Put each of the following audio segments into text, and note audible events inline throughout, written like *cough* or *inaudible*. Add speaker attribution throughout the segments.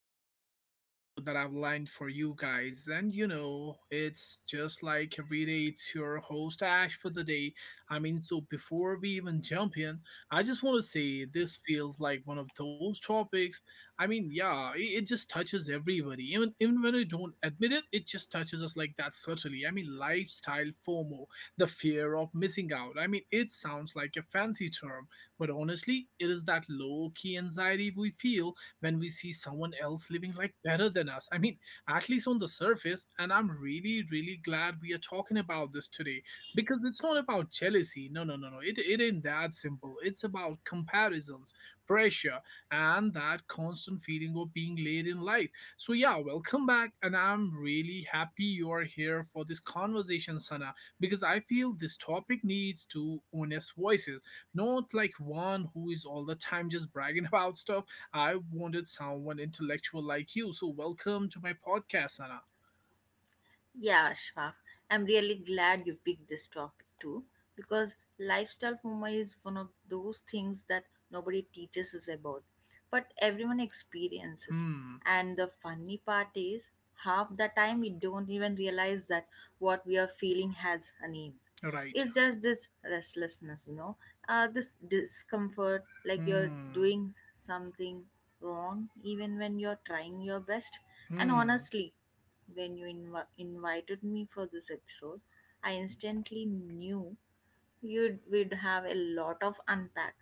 Speaker 1: another episode that I've lined for you guys. And it's just like every day, it's your host Ash for the day. I mean, so before we even jump in, I just want to say this feels like one of those topics. I mean, yeah, it just touches everybody. Even when we don't admit it, it just touches us like that, certainly. I mean, lifestyle FOMO, the fear of missing out. I mean, it sounds like a fancy term, but honestly, it is that low key anxiety we feel when we see someone else living like better than us. I mean, at least on the surface. And I'm really, really glad we are talking about this today because it's not about jealousy. No, no, no, no. It ain't that simple. It's about comparisons, pressure, and that constant feeling of being late in life. So, yeah, welcome back. And I'm really happy you're here for this conversation, Sana, because I feel this topic needs two honest voices, not like one who is all the time just bragging *laughs* about stuff. I wanted someone intellectual like you. So welcome to my podcast, Anna.
Speaker 2: Yeah, Ashfaq, I'm really glad you picked this topic too because lifestyle FOMO is one of those things that nobody teaches us about, but everyone experiences.
Speaker 1: Hmm.
Speaker 2: And the funny part is, half the time we don't even realize that what we are feeling has a name.
Speaker 1: Right.
Speaker 2: It's just this restlessness, you know, this discomfort, like you're
Speaker 1: Hmm.
Speaker 2: doing something wrong even when you're trying your best. And
Speaker 1: Hmm.
Speaker 2: honestly, when you invited me for this episode, I instantly knew you would have a lot of unpack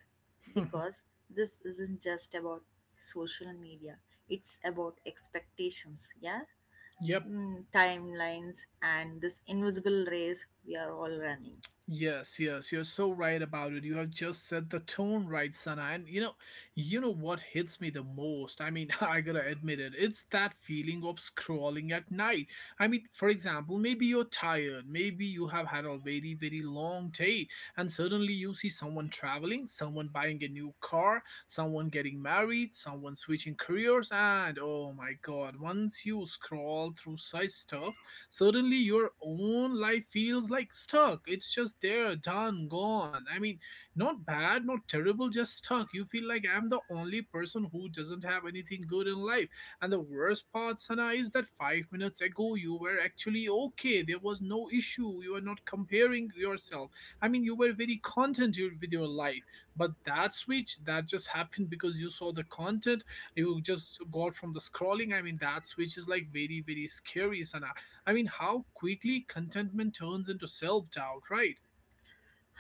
Speaker 1: *laughs*
Speaker 2: because this isn't just about social media, it's about expectations, yeah?
Speaker 1: Yep.
Speaker 2: Mm, timelines and this invisible race we are all running.
Speaker 1: Yes, yes, you're so right about it. You have just set the tone right, Sana. And you know what hits me the most? I mean, *laughs* I gotta admit it. It's that feeling of scrolling at night. I mean, for example, maybe you're tired, maybe you have had a very, very long day, and suddenly you see someone traveling, someone buying a new car, someone getting married, someone switching careers, and oh my god, once you scroll through such stuff, suddenly your own life feels like stuck. It's just there, done, gone. I mean, not bad, not terrible, just stuck. You feel like, I'm the only person who doesn't have anything good in life. And the worst part, Sana, is that 5 minutes ago you were actually okay. There was no issue. You are not comparing yourself. I mean, you were very content with your life. But that switch, that just happened because you saw the content you just got from the scrolling. I mean, that switch is like very, very scary, Sana. I mean, how quickly contentment turns into self doubt, right?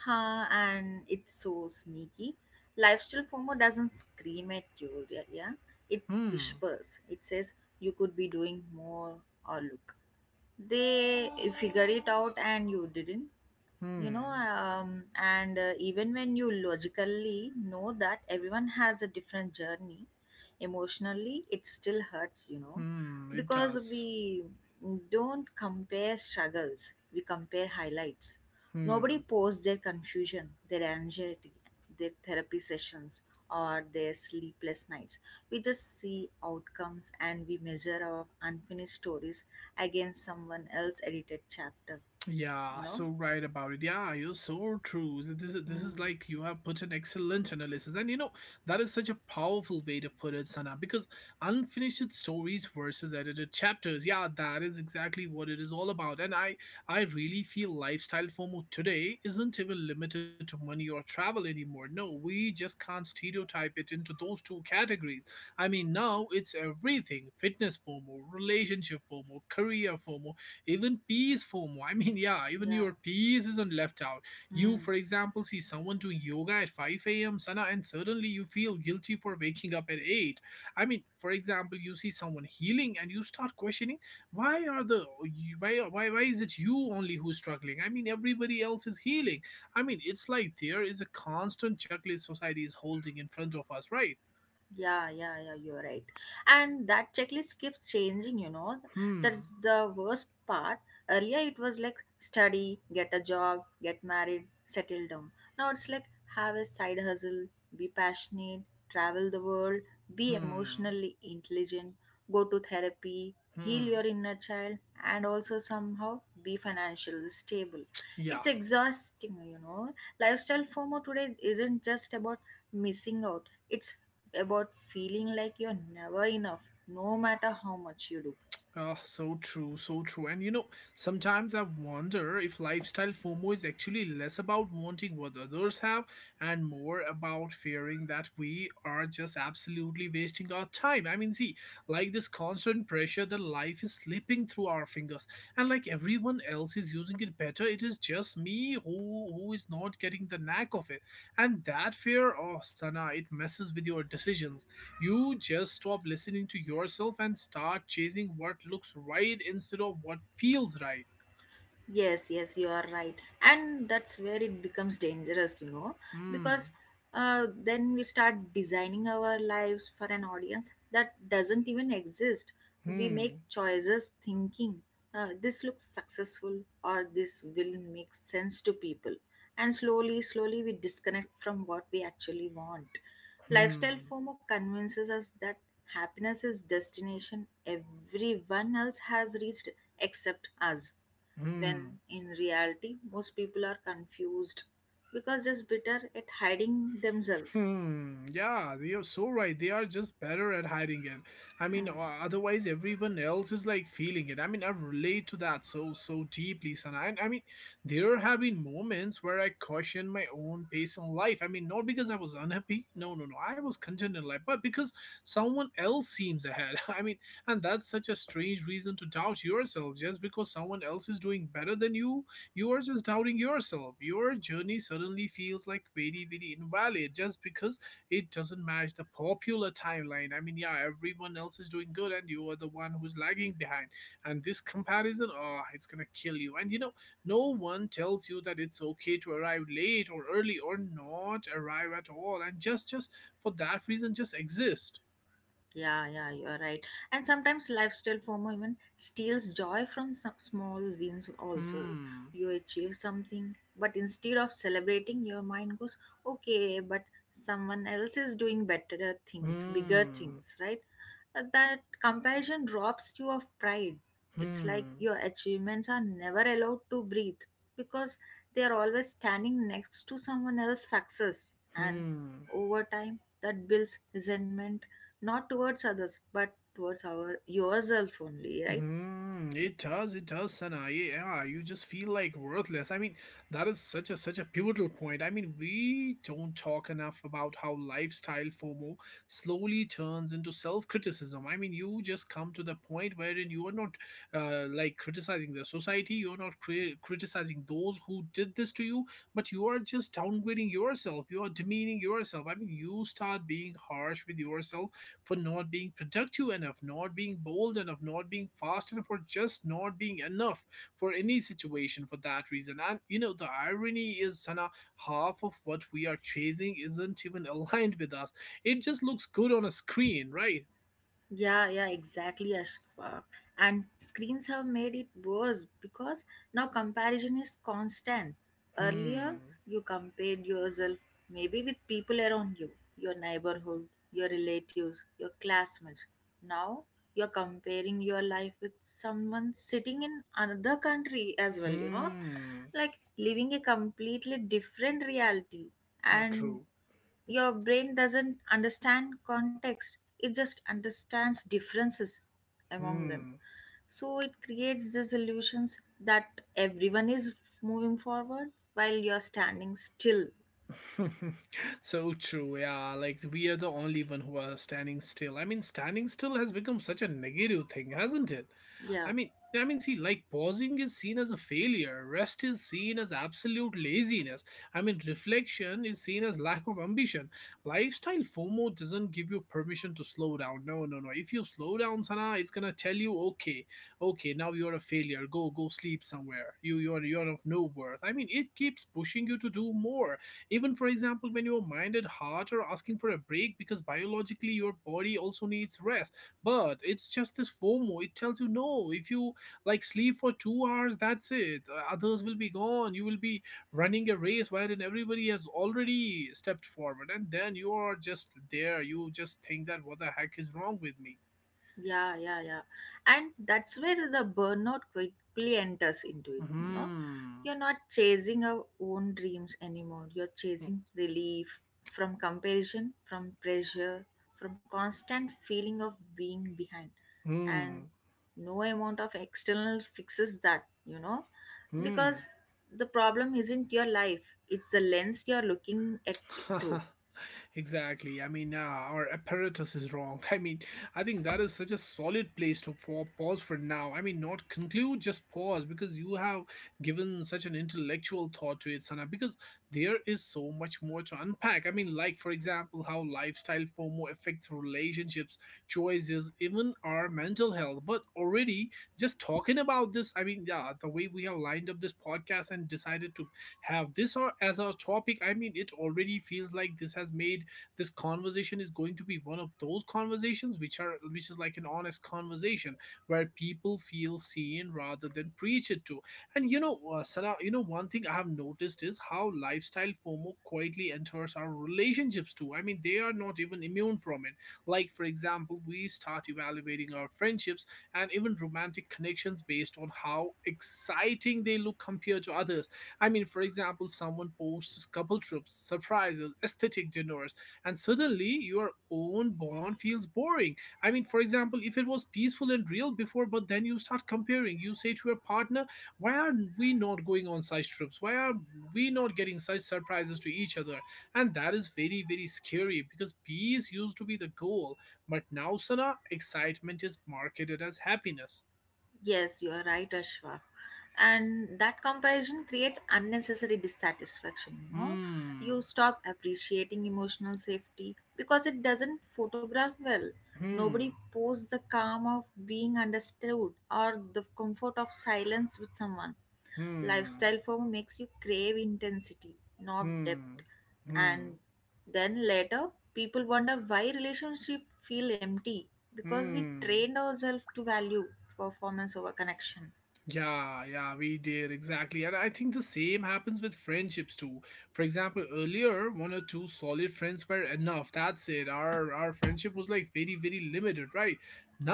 Speaker 2: Huh, and it's so sneaky. Lifestyle FOMO doesn't scream at you, yeah? Yeah? It
Speaker 1: Hmm,
Speaker 2: whispers. It says you could be doing more, or look. They figure it out and you didn't, you know,
Speaker 1: hmm,
Speaker 2: and even when you logically know that everyone has a different journey, emotionally it still hurts, you know,
Speaker 1: hmm, it
Speaker 2: because
Speaker 1: does.
Speaker 2: we don't compare struggles, we compare highlights. Nobody
Speaker 1: Hmm.
Speaker 2: posts their confusion, their anxiety, their therapy sessions, or their sleepless nights. We just see outcomes and we measure our unfinished stories against someone else's edited chapter,
Speaker 1: Yeah,
Speaker 2: you know.
Speaker 1: so right about it. Yeah, you're so true. So, this is
Speaker 2: Hmm.
Speaker 1: like you have put an excellent analysis, and you know that is such a powerful way to put it, Sana. Because unfinished stories versus edited chapters. Yeah, that is exactly what it is all about. And I really feel lifestyle FOMO today isn't even limited to money or travel anymore. No, we just can't stereotype it into those two categories. I mean, now it's everything: fitness FOMO, relationship FOMO, career FOMO, even peace, is FOMO. I mean, *laughs* yeah, even
Speaker 2: Yeah.
Speaker 1: your peace isn't left out. You,
Speaker 2: Hmm.
Speaker 1: for example, see someone doing yoga at 5 a.m., Sana, and suddenly you feel guilty for waking up at 8. I mean, for example, you see someone healing and you start questioning, why are the why is it you only who's struggling? I mean, everybody else is healing. I mean, it's like there is a constant checklist society is holding in front of us, right?
Speaker 2: Yeah, yeah, yeah, you're right. And that checklist keeps changing, you know.
Speaker 1: Hmm,
Speaker 2: That's the worst part. Earlier it was like study, get a job, get married, settle down. Now it's like have a side hustle, be passionate, travel the world, be
Speaker 1: hmm,
Speaker 2: emotionally intelligent, go to therapy, heal
Speaker 1: hmm.
Speaker 2: your inner child, and also somehow be financially stable.
Speaker 1: Yeah,
Speaker 2: It's exhausting, you know. Lifestyle FOMO today isn't just about missing out. It's about feeling like you're never enough, no matter how much you do.
Speaker 1: oh, so true, so true. And sometimes I wonder if lifestyle FOMO is actually less about wanting what others have and more about fearing that we are just absolutely wasting our time. I mean, see, like this constant pressure that life is slipping through our fingers, and like everyone else is using it better, it is just me who is not getting the knack of it. And that fear, oh, Sana, it messes with your decisions. You just stop listening to yourself and start chasing what looks right instead of what feels right.
Speaker 2: Yes, yes, you are right. And that's where it becomes dangerous, you know, because
Speaker 1: Hmm,
Speaker 2: then we start designing our lives for an audience that doesn't even exist. We make
Speaker 1: hmm,
Speaker 2: choices thinking, this looks successful, or this will make sense to people. And slowly, slowly, we disconnect from what we actually want. Lifestyle
Speaker 1: hmm,
Speaker 2: FOMO convinces us that happiness is destination everyone else has reached except us,
Speaker 1: hmm.
Speaker 2: when in reality most people are confused because just bitter at hiding themselves.
Speaker 1: Hmm. Yeah, you're so right. They are just better at hiding it. I mean,
Speaker 2: Hmm.
Speaker 1: otherwise everyone else is like feeling it. I mean, I relate to that so so deeply, Sana. And I mean, there have been moments where I questioned my own pace in life. I mean, not because I was unhappy. No, no, no. I was content in life, but because someone else seems ahead. *laughs* I mean, and that's such a strange reason to doubt yourself, just because someone else is doing better than you. You are just doubting yourself. Your journey suddenly feels like very, very invalid just because it doesn't match the popular timeline. I mean, yeah, everyone else is doing good and you are the one who's lagging behind. And this comparison, oh, it's gonna kill you. And no one tells you that it's okay to arrive late or early or not arrive at all. And just for that reason, just exist.
Speaker 2: Yeah, yeah, you are right. And sometimes lifestyle FOMO even steals joy from some small wins also.
Speaker 1: Hmm.
Speaker 2: You achieve something, but instead of celebrating, your mind goes, okay, but someone else is doing better things, bigger
Speaker 1: Hmm.
Speaker 2: things, right? That comparison robs you of pride. It's like
Speaker 1: Hmm.
Speaker 2: your achievements are never allowed to breathe because they are always standing next to someone else's success. And
Speaker 1: Hmm.
Speaker 2: over time, that builds resentment, not towards others but towards our yourself only, right?
Speaker 1: Hmm, it does, Sana. Yeah, yeah, you just feel like worthless. I mean, that is such a pivotal point. I mean, we don't talk enough about how lifestyle FOMO slowly turns into self-criticism. I mean, you just come to the point wherein you are not like criticizing the society, you're not criticizing those who did this to you, but you are just downgrading yourself. You are demeaning yourself. I mean, you start being harsh with yourself for not being productive enough, not being bold enough, not being fast enough, or just not being enough for any situation for that reason. And the irony is, Sana, half of what we are chasing isn't even aligned with us. It just looks good on a screen, right?
Speaker 2: Yeah, yeah, exactly, Ashfa. And screens have made it worse because now comparison is constant.
Speaker 1: Hmm.
Speaker 2: Earlier, you compared yourself maybe with people around you, your neighborhood, your relatives, your classmates. Now, you're comparing your life with someone sitting in another country as well, you know.
Speaker 1: Hmm.
Speaker 2: Like living a completely different reality,
Speaker 1: Not
Speaker 2: and
Speaker 1: true.
Speaker 2: your brain doesn't understand context, it just understands differences among them.
Speaker 1: Hmm.
Speaker 2: So it creates these illusions that everyone is moving forward while you're standing still.
Speaker 1: *laughs* So true, yeah, like we are the only one who are standing still. I mean, standing still has become such a negative thing, hasn't it? i
Speaker 2: Yeah.
Speaker 1: mean i mean see, like pausing is seen as a failure, rest is seen as absolute laziness. I mean, reflection is seen as lack of ambition. Lifestyle FOMO doesn't give you permission to slow down. No, no, no, if you slow down, Sana, it's gonna tell you, okay, okay, now you're a failure, go sleep somewhere, you're of no worth. I mean, it keeps pushing you to do more, even for example, when your mind and heart are asking for a break, because biologically your body also needs rest. But it's just this FOMO, it tells you no, if you like sleep for 2 hours, that's it. Others will be gone, you will be running a race wherein everybody has already stepped forward, and then you are just there, you just think that, what the heck is wrong with me?
Speaker 2: Yeah, yeah, yeah. And that's where the burnout quickly enters into it, you know.
Speaker 1: Hmm.
Speaker 2: You're not chasing our own dreams anymore. You're chasing relief from comparison, from pressure, from constant feeling of being behind. And
Speaker 1: Hmm.
Speaker 2: no amount of external fixes that, you know,
Speaker 1: Hmm.
Speaker 2: because the problem isn't your life, it's the lens you're looking at it through.
Speaker 1: *laughs* Exactly. I mean, our apparatus is wrong. *laughs* I mean, I think that is such a solid place to for, pause for now. I mean, not conclude, just pause, because you have given such an intellectual thought to it, Sana, because there is so much more to unpack. I mean, like, for example, how lifestyle FOMO affects relationships, choices, even our mental health. But already, just talking about this, I mean, yeah, the way we have lined up this podcast and decided to have this or as our topic, I mean, it already feels like this has made this conversation is going to be one of those conversations which are which is like an honest conversation where people feel seen rather than preached to. And Sana, you know one thing I have noticed is how lifestyle FOMO quietly enters our relationships too. I mean, they are not even immune from it. Like for example, we start evaluating our friendships and even romantic connections based on how exciting they look compared to others. I mean, for example, someone posts couple trips, surprises, aesthetic dinners, and suddenly your own bond feels boring. I mean, for example, if it was peaceful and real before, but then you start comparing, you say to your partner, why are we not going on such trips, why are we not getting such surprises to each other? And that is very, very scary because peace used to be the goal, but now, Sana, excitement is marketed as happiness.
Speaker 2: Yes, you are right, Ashwa. And that comparison creates unnecessary dissatisfaction, you know.
Speaker 1: Hmm.
Speaker 2: You stop appreciating emotional safety because it doesn't photograph well. Nobody
Speaker 1: Hmm.
Speaker 2: posts the calm of being understood or the comfort of silence with someone.
Speaker 1: Hmm.
Speaker 2: Lifestyle form makes you crave intensity, not depth,
Speaker 1: Hmm. Hmm.
Speaker 2: and then later people wonder why relationship feel empty, because we
Speaker 1: Hmm.
Speaker 2: trained ourselves to value performance over connection.
Speaker 1: Yeah, yeah, we did exactly. And I think the same happens with friendships too. For example, earlier one or two solid friends were enough. That's it. Our friendship was like very, very limited, right?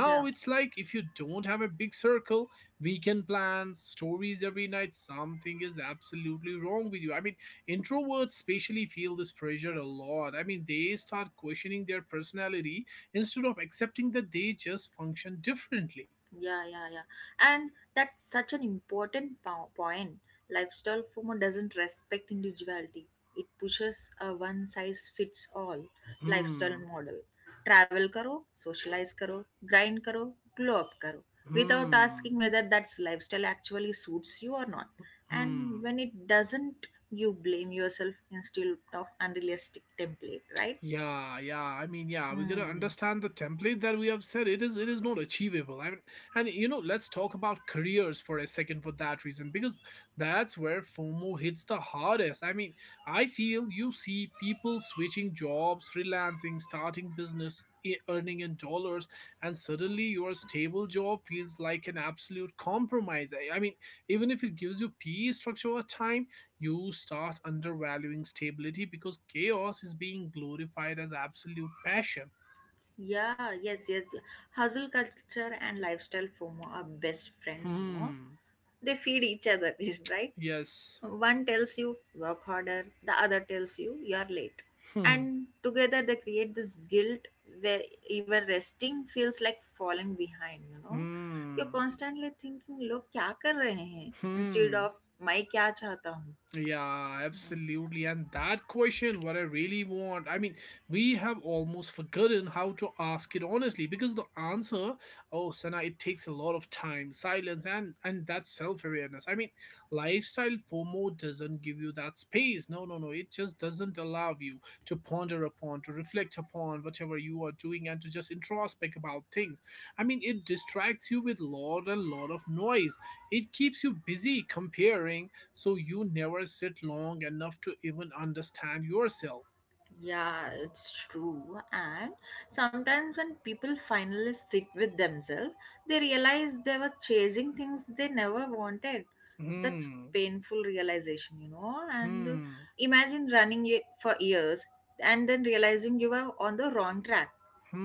Speaker 2: Yeah.
Speaker 1: it's like, if you don't have a big circle, weekend plans, stories every night, something is absolutely wrong with you. I mean, introverts especially feel this pressure a lot. I mean, they start questioning their personality instead of accepting that they just function differently.
Speaker 2: Yeah, yeah, yeah. And that's such an important point. Lifestyle FOMO doesn't respect individuality. It pushes a one size fits all lifestyle
Speaker 1: Hmm.
Speaker 2: model. Travel karo, socialize karo, grind karo, glow up karo, without asking
Speaker 1: Hmm.
Speaker 2: whether that lifestyle actually suits you or not.
Speaker 1: Hmm.
Speaker 2: And when it doesn't, you blame yourself instead of unrealistic template, right?
Speaker 1: Yeah, yeah. I mean, yeah, we gotta
Speaker 2: Hmm.
Speaker 1: understand the template that we have said. It is not achievable. I mean, and you know, let's talk about careers for a second for that reason, because that's where FOMO hits the hardest. I mean, I feel you see people switching jobs, freelancing, starting business, earning in dollars, and suddenly your stable job feels like an absolute compromise. I mean, even if it gives you peace, structure, or time, you start undervaluing stability because chaos is being glorified as absolute passion.
Speaker 2: Yeah, yes, yes. Hustle culture and lifestyle FOMO are best friends, you know.
Speaker 1: Hmm.
Speaker 2: They feed each other, *laughs* right?
Speaker 1: Yes.
Speaker 2: One tells you work harder, the other tells you you're late.
Speaker 1: Hmm.
Speaker 2: And together they create this guilt where even resting feels like falling behind, you know? You're
Speaker 1: Hmm.
Speaker 2: constantly thinking, look, kya kar rahe hain? Instead
Speaker 1: Hmm.
Speaker 2: of, मैं क्या चाहता हूँ.
Speaker 1: Yeah, absolutely. And that question, what I really want, I mean, we have almost forgotten how to ask it honestly because the answer, oh, Sana, it takes a lot of time, silence, and that self-awareness. I mean, lifestyle FOMO doesn't give you that space. No, no, no. It just doesn't allow you to ponder upon, to reflect upon whatever you are doing, and to just introspect about things. I mean, it distracts you with lot and lot of noise. It keeps you busy comparing so you never sit long enough to even understand yourself.
Speaker 2: Yeah, it's true. And sometimes when people finally sit with themselves, they realize they were chasing things they never wanted. That's
Speaker 1: Hmm,
Speaker 2: painful realization, you know. And
Speaker 1: hmm,
Speaker 2: imagine running for years and then realizing you were on the wrong track.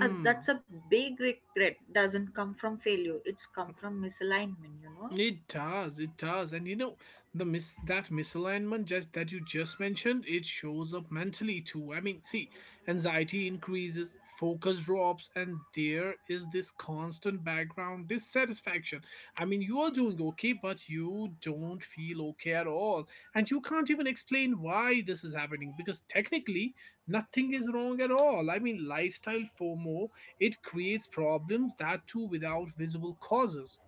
Speaker 2: That's a big regret. Doesn't come from failure. It's come from misalignment, you know.
Speaker 1: It does, it does. And you know, the mis that misalignment just that you just mentioned, it shows up mentally too. I mean, see, anxiety increases, focus drops, and there is this constant background dissatisfaction. I mean, you are doing okay, but you don't feel okay at all. And you can't even explain why this is happening because technically nothing is wrong at all. I mean, lifestyle FOMO, it creates problems that too without visible causes.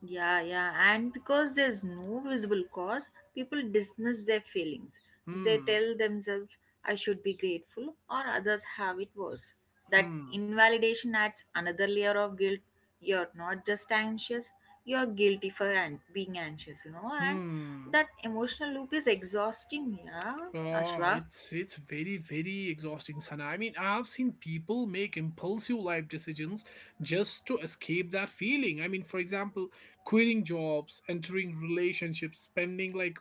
Speaker 2: Yeah, yeah. And because there's no visible cause, people dismiss their feelings. They
Speaker 1: Hmm.
Speaker 2: tell themselves, I should be grateful, or others have it worse. That
Speaker 1: Hmm.
Speaker 2: invalidation adds another layer of guilt. You're not just anxious, you're guilty for being anxious, you know. And
Speaker 1: Hmm.
Speaker 2: that emotional loop is exhausting, yeah,
Speaker 1: Oh,
Speaker 2: Ashwa.
Speaker 1: it's very very exhausting, Sana. I mean, I've seen people make impulsive life decisions just to escape that feeling. I mean, for example, quitting jobs, entering relationships, spending like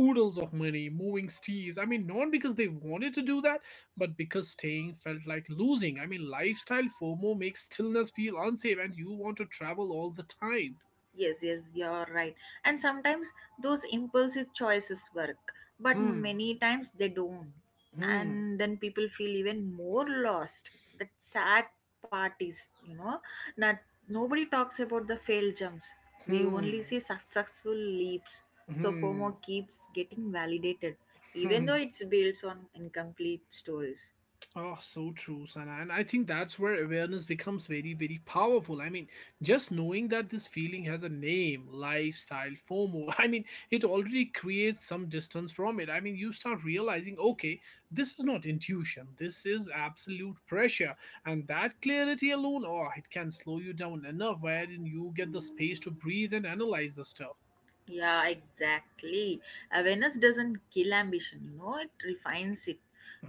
Speaker 1: oodles of money, moving cities. I mean, not because they wanted to do that, but because staying felt like losing. I mean, lifestyle FOMO makes stillness feel unsafe, and you want to travel all the time.
Speaker 2: Yes, yes, you're right. And sometimes those impulsive choices work, but
Speaker 1: Hmm.
Speaker 2: many times they don't.
Speaker 1: Hmm.
Speaker 2: And then people feel even more lost. The sad part is, you know, not nobody talks about the failed jumps. We only
Speaker 1: Hmm.
Speaker 2: see successful leaps. So
Speaker 1: Hmm.
Speaker 2: FOMO keeps getting validated, even
Speaker 1: Hmm.
Speaker 2: though
Speaker 1: *laughs*
Speaker 2: it's built on incomplete stories.
Speaker 1: Oh, so true, Sana. And I think that's where awareness becomes very, very powerful. I mean, just knowing that this feeling has a name, lifestyle, FOMO, *laughs* I mean, it already creates some distance from it. I mean, you start realizing, okay, this is not intuition, this is absolute pressure. And that clarity alone, oh, it can slow you down enough wherein you get the space to breathe and analyze the stuff.
Speaker 2: Yeah, exactly. Awareness doesn't kill ambition, you know, it refines it.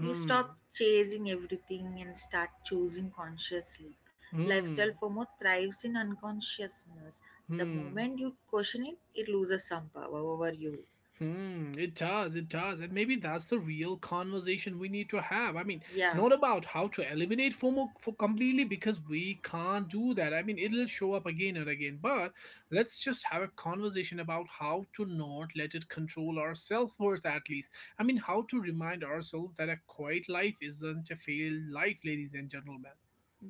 Speaker 2: You stop chasing everything and start choosing consciously. Lifestyle
Speaker 1: hmm,
Speaker 2: FOMO thrives in unconsciousness. The
Speaker 1: hmm.
Speaker 2: moment you question it, it loses some power over you.
Speaker 1: Hmm, it does, it does. And maybe that's the real conversation we need to have. I mean,
Speaker 2: Yeah.
Speaker 1: not about how to eliminate FOMO for completely because we can't do that. I mean, it'll show up again and again. But let's just have a conversation about how to not let it control our self worth, at least. I mean, how to remind ourselves that a quiet life isn't a failed life, ladies and gentlemen.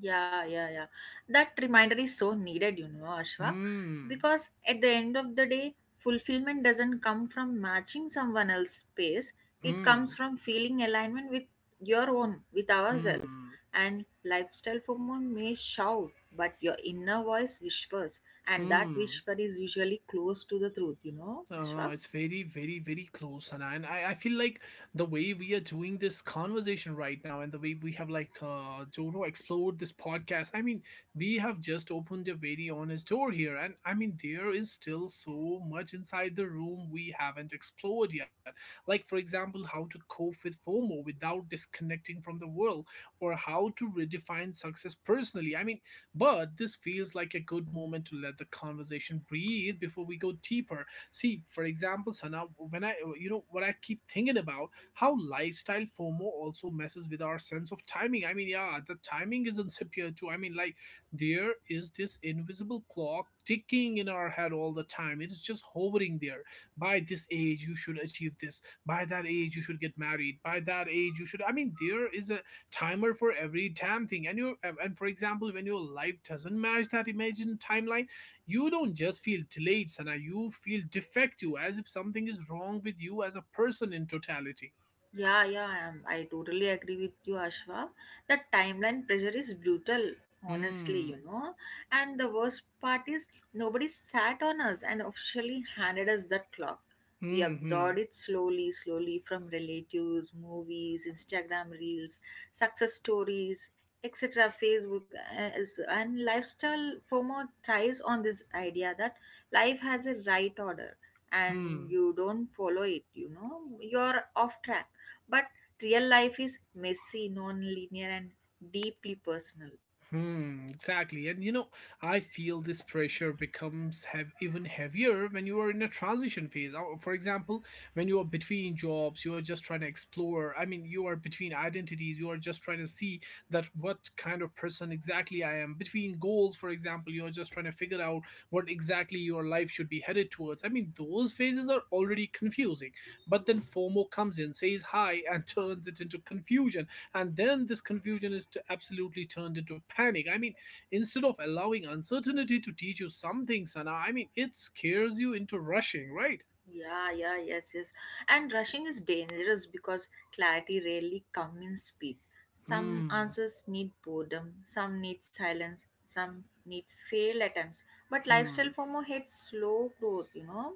Speaker 2: Yeah, yeah, yeah. That reminder is so needed, you know, Ashwak,
Speaker 1: Hmm,
Speaker 2: because at the end of the day, fulfillment doesn't come from matching someone else's pace. It comes
Speaker 1: hmm,
Speaker 2: from feeling alignment with your own, with ourselves.
Speaker 1: hmm,
Speaker 2: And lifestyle FOMO may shout, but your inner voice whispers, and that
Speaker 1: hmm.
Speaker 2: whisper is usually close to the truth, you know,
Speaker 1: Uh,
Speaker 2: Ashwak.
Speaker 1: it's very, very, very close, Hannah. And I feel like the way we are doing this conversation right now and the way we have, like, Jono explored this podcast, I mean, we have just opened a very honest door here. And I mean, there is still so much inside the room we haven't explored yet. Like, for example, how to cope with FOMO without disconnecting from the world or how to redefine success personally. I mean, but this feels like a good moment to let the conversation breathe before we go deeper. See, for example, Sana, when I, you know, what I keep thinking about how lifestyle FOMO also messes with our sense of timing. I mean, yeah, the timing is *laughs* insipid too. I mean, like, there is this invisible clock ticking in our head all the time. It's just hovering there. By this age, you should achieve this. By that age, you should get married. By that age, you should. I mean, there is a timer for every damn thing. And you, and for example, when your life doesn't match that imagined timeline, you don't just feel delayed, Sana, you feel defective as if something is wrong with you as a person in totality.
Speaker 2: Yeah, yeah, I am. I totally agree with you, Ashwa. The timeline pressure is brutal, honestly, you
Speaker 1: Hmm,
Speaker 2: know. And the worst part is nobody sat on us and officially handed us the clock. We
Speaker 1: hmm, hmm,
Speaker 2: absorbed it slowly, slowly from relatives, movies, Instagram reels, success stories, etc. Facebook, and lifestyle FOMO thrives on this idea that life has a right order, and
Speaker 1: hmm.
Speaker 2: you don't follow it, you know, you're off track. But real life is messy, non-linear, and deeply personal.
Speaker 1: Hmm, exactly. And you know, I feel this pressure becomes have even heavier when you are in a transition phase. For example, when you are between jobs, you are just trying to explore. I mean, you are between identities, you are just trying to see that what kind of person exactly I am. Between goals, for example, you are just trying to figure out what exactly your life should be headed towards. I mean, those phases are already confusing. But then FOMO comes in, says hi, and *laughs* turns it into confusion, and then this confusion is to absolutely turned into panic. I mean, instead of allowing uncertainty to teach you something, Sana, I mean, it scares you into rushing, right?
Speaker 2: Yeah, yeah, yes, yes. And rushing is dangerous because clarity rarely comes in speed. Some
Speaker 1: Hmm,
Speaker 2: answers need boredom, some need silence, some need failed attempts. But lifestyle
Speaker 1: hmm,
Speaker 2: FOMO hates slow growth, you know.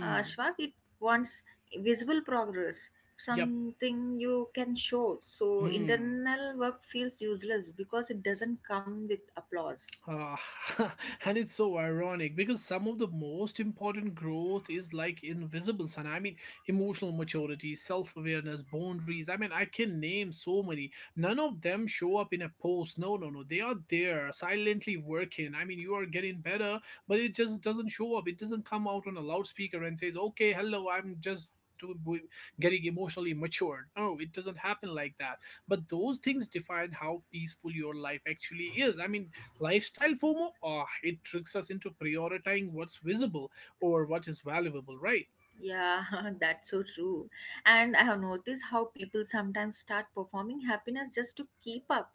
Speaker 2: Shwak, it wants visible progress,
Speaker 1: yep,
Speaker 2: something you can show. So
Speaker 1: hmm.
Speaker 2: internal work feels useless because it doesn't come with applause.
Speaker 1: Ah, *laughs* and it's so ironic because some of the most important growth is like invisible, son. I mean, emotional maturity, self awareness, boundaries. I mean, I can name so many. None of them show up in a post. No, no, no. They are there, silently working. I mean, you are getting better, but it just doesn't show up. It doesn't come out on a loudspeaker and says, okay, hello, I'm just doing, getting emotionally matured. No, it doesn't happen like that, but those things define how peaceful your life actually is. I mean, lifestyle FOMO, ah, it tricks us into prioritizing what's visible or what is valuable, right?
Speaker 2: Yeah, *laughs* that's so true. And I have noticed how people sometimes start performing happiness just to keep up.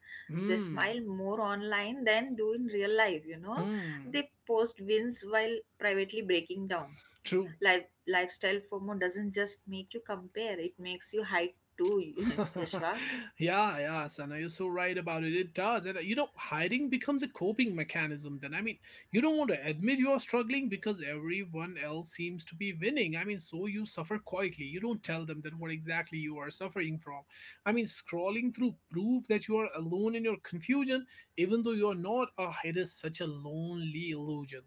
Speaker 2: They
Speaker 1: Hmm.
Speaker 2: smile more online than do in real life, you know.
Speaker 1: Hmm.
Speaker 2: They post wins while privately breaking down.
Speaker 1: True.
Speaker 2: Lifestyle FOMO doesn't just make you compare, it makes you hide too, *laughs*
Speaker 1: *laughs*
Speaker 2: Yashva.
Speaker 1: yeah, yeah, Sana, you're so right about it. It does. And you know, hiding becomes a coping mechanism then. I mean, you don't want to admit you are struggling because everyone else seems to be winning. I mean, so you suffer quietly. You don't tell them that what exactly you are suffering from. I mean, scrolling through proof that you are alone in your confusion, even though you are not. Ah, it is such a lonely illusion.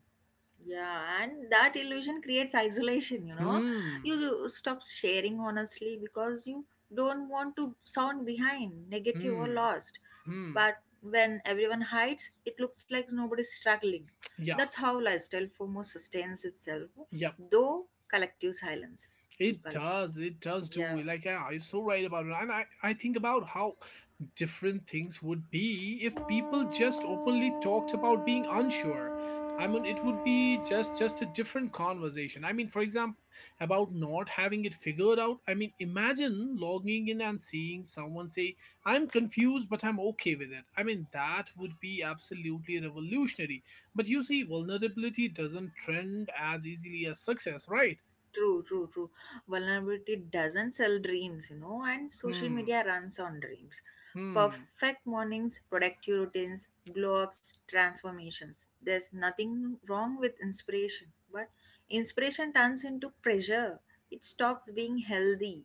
Speaker 2: Yeah, and that illusion creates isolation, you know.
Speaker 1: Hmm,
Speaker 2: You stop sharing honestly because you don't want to sound behind, negative, or
Speaker 1: hmm,
Speaker 2: lost.
Speaker 1: hmm.
Speaker 2: But when everyone hides, it looks like nobody's struggling.
Speaker 1: Yeah,
Speaker 2: That's how lifestyle FOMO sustains itself,
Speaker 1: yep.
Speaker 2: though collective silence, through
Speaker 1: It
Speaker 2: col-
Speaker 1: does. It does
Speaker 2: yeah.
Speaker 1: do. Like, yeah, you're so right about it. And I think about how different things would be if people just openly talked about being unsure. I mean, it would be just a different conversation. I mean, for example, about not having it figured out. I mean, imagine logging in and seeing someone say, "I'm confused, but I'm okay with it." I mean, that would be absolutely revolutionary. But you see, vulnerability doesn't trend as easily as success, right?
Speaker 2: True, true, true. Vulnerability doesn't sell dreams, you know, and social
Speaker 1: Hmm.
Speaker 2: media runs on dreams.
Speaker 1: Hmm.
Speaker 2: Perfect mornings, productive routines, glow ups, transformations. There's nothing wrong with inspiration, but inspiration turns into pressure. It stops being healthy.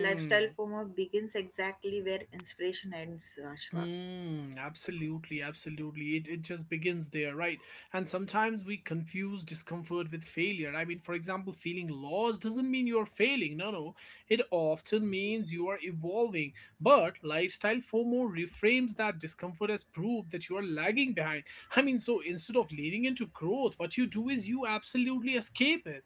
Speaker 2: Lifestyle FOMO begins exactly where inspiration ends, Ashwa.
Speaker 1: Hmm. Absolutely. Absolutely. It just begins there, right? And sometimes we confuse discomfort with failure. I mean, for example, feeling lost doesn't mean you're failing. No, no. It often means you are evolving. But lifestyle FOMO reframes that discomfort as proof that you are lagging behind. I mean, so instead of leaning into growth, what you do is you absolutely escape it.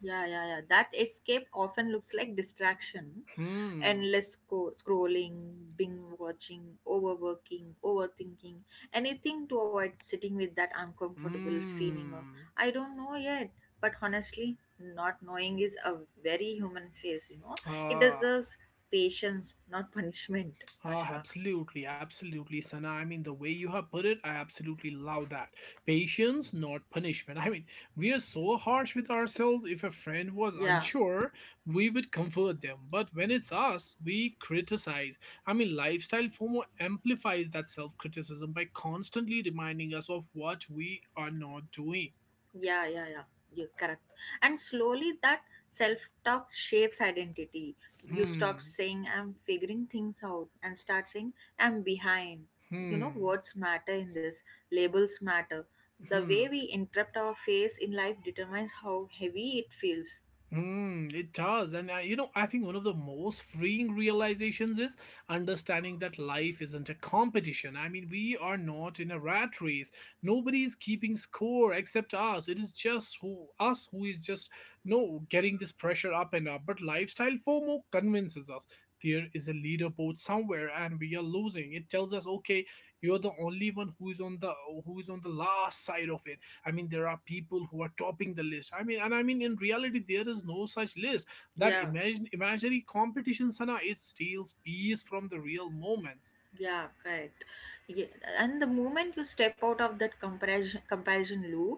Speaker 2: Yeah, yeah, yeah. That escape often looks like distraction,
Speaker 1: Hmm.
Speaker 2: endless scrolling, binge watching, overworking, overthinking, anything to avoid sitting with that uncomfortable feeling of,
Speaker 1: Hmm.
Speaker 2: I don't know yet. But honestly, not knowing is a very human phase, you know. It
Speaker 1: Ah.
Speaker 2: deserves patience, not punishment,
Speaker 1: Ah,
Speaker 2: Ashwar.
Speaker 1: absolutely, absolutely, Sana. I mean, the way you have put it, I absolutely love that. Patience, not punishment. I mean, we are so harsh with ourselves. If a friend was
Speaker 2: Yeah.
Speaker 1: unsure, we would comfort them. But when it's us, we criticize. I mean, lifestyle FOMO amplifies that self criticism by constantly reminding us of what we are not doing.
Speaker 2: Yeah, yeah, yeah. You're correct. And slowly that self talk shapes identity. You stop
Speaker 1: Hmm,
Speaker 2: saying, I'm figuring things out, and start saying, I'm behind. You know,
Speaker 1: hmm,
Speaker 2: words matter in this, labels matter. The way
Speaker 1: hmm.
Speaker 2: we interrupt our face in life determines how heavy it feels.
Speaker 1: Hmm, it does. And I, you know, I think one of the most freeing realizations is understanding that life isn't a competition. I mean, we are not in a rat race. Nobody is keeping score except us. It is just who us who is just no getting this pressure up and up. But lifestyle FOMO convinces us there is a leaderboard somewhere and we are losing. It tells us, okay, you're the only one who is on the last side of it. I mean, there are people who are topping the list. I mean, and I mean, in reality, there is no such list.
Speaker 2: Yeah.
Speaker 1: Imaginary competition, Sana, it steals peace from the real moments.
Speaker 2: Yeah, correct. Yeah, and the moment you step out of that comparison loop,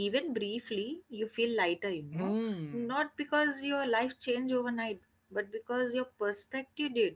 Speaker 2: even briefly, you feel lighter, you know.
Speaker 1: Hmm.
Speaker 2: Not because your life changed overnight, but because your perspective did.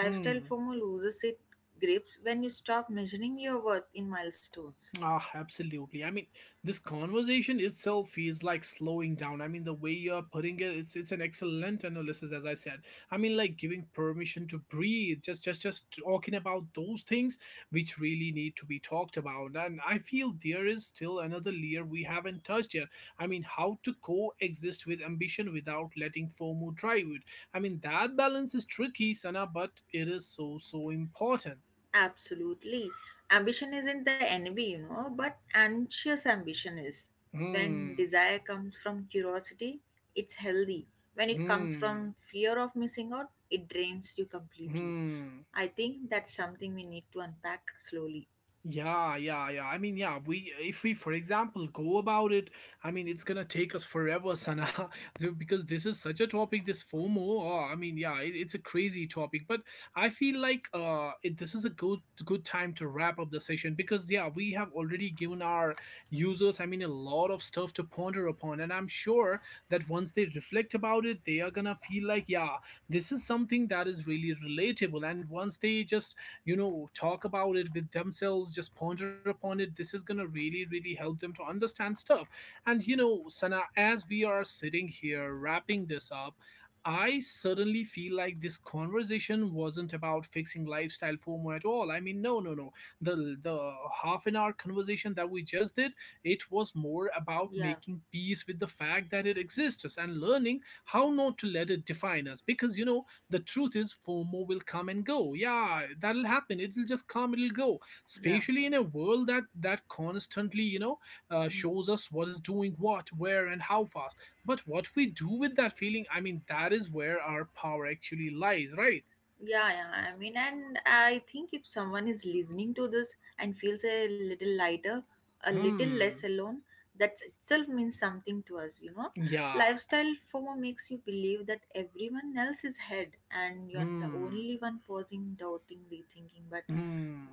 Speaker 2: Lifestyle
Speaker 1: Hmm.
Speaker 2: FOMO loses its grips when you stop measuring your worth in milestones.
Speaker 1: Ah, absolutely. I mean, this conversation itself feels like slowing down. I mean, the way you're putting it, it's an excellent analysis, as I said. I mean, like giving permission to breathe, just talking about those things which really need to be talked about. And I feel there is still another layer we haven't touched yet. I mean, how to coexist with ambition without letting FOMO drive it. I mean, that balance is tricky, Sana, but it is so so important.
Speaker 2: Absolutely. Ambition isn't the enemy, you know, but anxious ambition is. When
Speaker 1: Hmm.
Speaker 2: desire comes from curiosity, it's healthy. When it comes
Speaker 1: Hmm.
Speaker 2: from fear of missing out, it drains you completely.
Speaker 1: Hmm.
Speaker 2: I think that's something we need to unpack slowly.
Speaker 1: Yeah, yeah, yeah. I mean, yeah, we if we, for example, go about it, I mean, it's gonna take us forever, Sana, *laughs* because this is such a topic, this FOMO. Oh, I mean, yeah, it's a crazy topic. But I feel like this is a good time to wrap up the session because yeah, we have already given our users, I mean, a lot of stuff to ponder upon, and I'm sure that once they reflect about it, they are gonna feel like yeah, this is something that is really relatable. And once they just talk about it with themselves, just ponder upon it, this is going to really help them to understand stuff. And you know, Sana, as we are sitting here wrapping this up, I suddenly feel like this conversation wasn't about fixing lifestyle FOMO at all. I mean, no, no, no. The half an hour conversation that we just did, it was more about
Speaker 2: Yeah,
Speaker 1: making peace with the fact that it exists and learning how not to let it define us. Because you know, the truth is FOMO will come and go. Yeah, that'll happen. It'll just come, it'll go.
Speaker 2: yeah.
Speaker 1: Especially in a world that constantly,
Speaker 2: Mm.
Speaker 1: shows us what is doing what, where, and how fast. But what we do with that feeling, I mean, that is where our power actually lies, right?
Speaker 2: Yeah, yeah. I mean, and I think if someone is listening to this and feels a little lighter, a little less
Speaker 1: Hmm.
Speaker 2: alone, that itself means something to us, you know.
Speaker 1: Yeah.
Speaker 2: Lifestyle FOMO makes you believe that everyone else is ahead and you're the
Speaker 1: Hmm.
Speaker 2: only one pausing, doubting, rethinking. But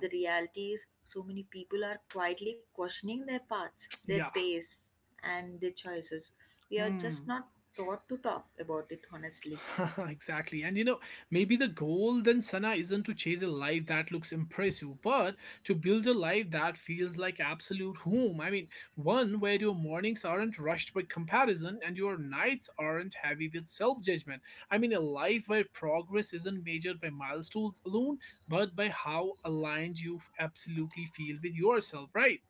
Speaker 2: the reality is, so many people are quietly questioning their paths, their
Speaker 1: Yeah.
Speaker 2: pace, and their choices. We are just
Speaker 1: Hmm.
Speaker 2: not taught to talk about it honestly.
Speaker 1: *laughs* Exactly. And you know, maybe the goal then, Sana, isn't to chase a life that looks impressive, but to build a life that feels like absolute home. I mean, one where your mornings aren't rushed by comparison and your nights aren't heavy with self judgment. I mean, a life where progress isn't measured by milestones alone, but by how aligned you absolutely feel with yourself, right?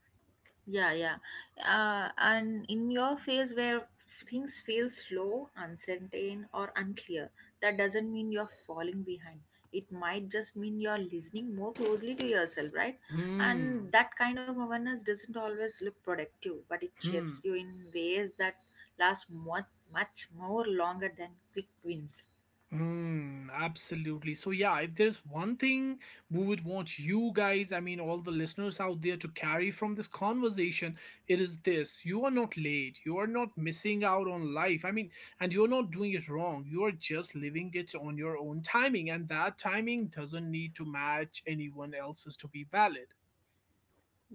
Speaker 2: Yeah, yeah. And in your phase where things feel slow, uncertain, or unclear, that doesn't mean you're falling behind. It might just mean you're listening more closely to yourself, right? And
Speaker 1: Hmm.
Speaker 2: that kind of awareness doesn't always look productive, but it
Speaker 1: Hmm.
Speaker 2: shapes you in ways that last much, much more longer than quick wins.
Speaker 1: Hmm, absolutely. So yeah, if there's one thing we would want you guys, I mean all the listeners out there, to carry from this conversation, it is this. You are not late. You are not missing out on life. I mean, and you're not doing it wrong. You are just living it on your own timing, and that timing doesn't need to match anyone else's to be valid.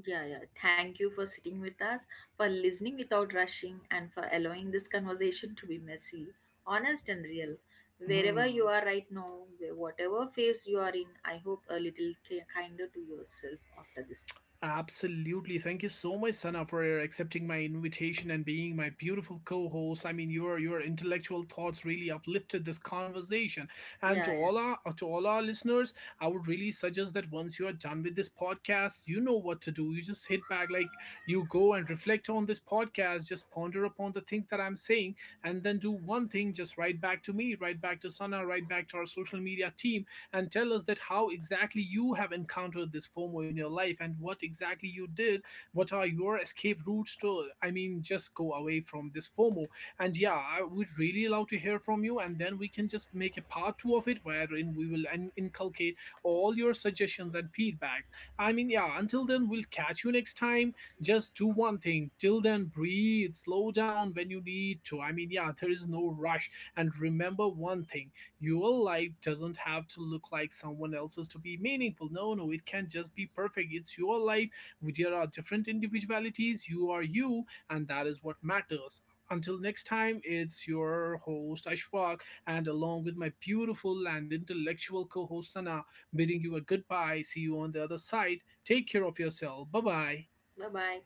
Speaker 2: Yeah, yeah. Thank you for sitting with us, for listening without rushing, and for allowing this conversation to be messy, honest, and real. Wherever you
Speaker 1: Hmm.
Speaker 2: are right now, whatever phase you are in, I hope a little kinder to yourself after this.
Speaker 1: Absolutely. Thank you so much, Sana, for accepting my invitation and being my beautiful co-host. I mean, your intellectual thoughts really uplifted this conversation. And
Speaker 2: Yeah,
Speaker 1: to
Speaker 2: yeah.
Speaker 1: all our listeners, I would really suggest that once you are done with this podcast, you know what to do. You just hit back, like you go and reflect on this podcast, just ponder upon the things that I'm saying, and then do one thing, just write back to me, write back to Sana, write back to our social media team, and tell us that how exactly you have encountered this FOMO in your life and what exactly you did. What are your escape routes to? I mean, just go away from this FOMO. And yeah, I would really love to hear from you, and then we can just make a part two of it wherein we will inculcate all your suggestions and feedbacks. I mean, yeah, until then, we'll catch you next time. Just do one thing. Till then, breathe, slow down when you need to. I mean, yeah, there is no rush. And remember one thing, your life doesn't have to look like someone else's to be meaningful. No, no, it can not just be perfect. It's your life. There are different individualities. You are you, and that is what matters. Until next time, it's your host Ashfaq, and along with my beautiful and intellectual co host Sana, bidding you a goodbye. See you on the other side. Take care of yourself. Bye bye.
Speaker 2: Bye bye.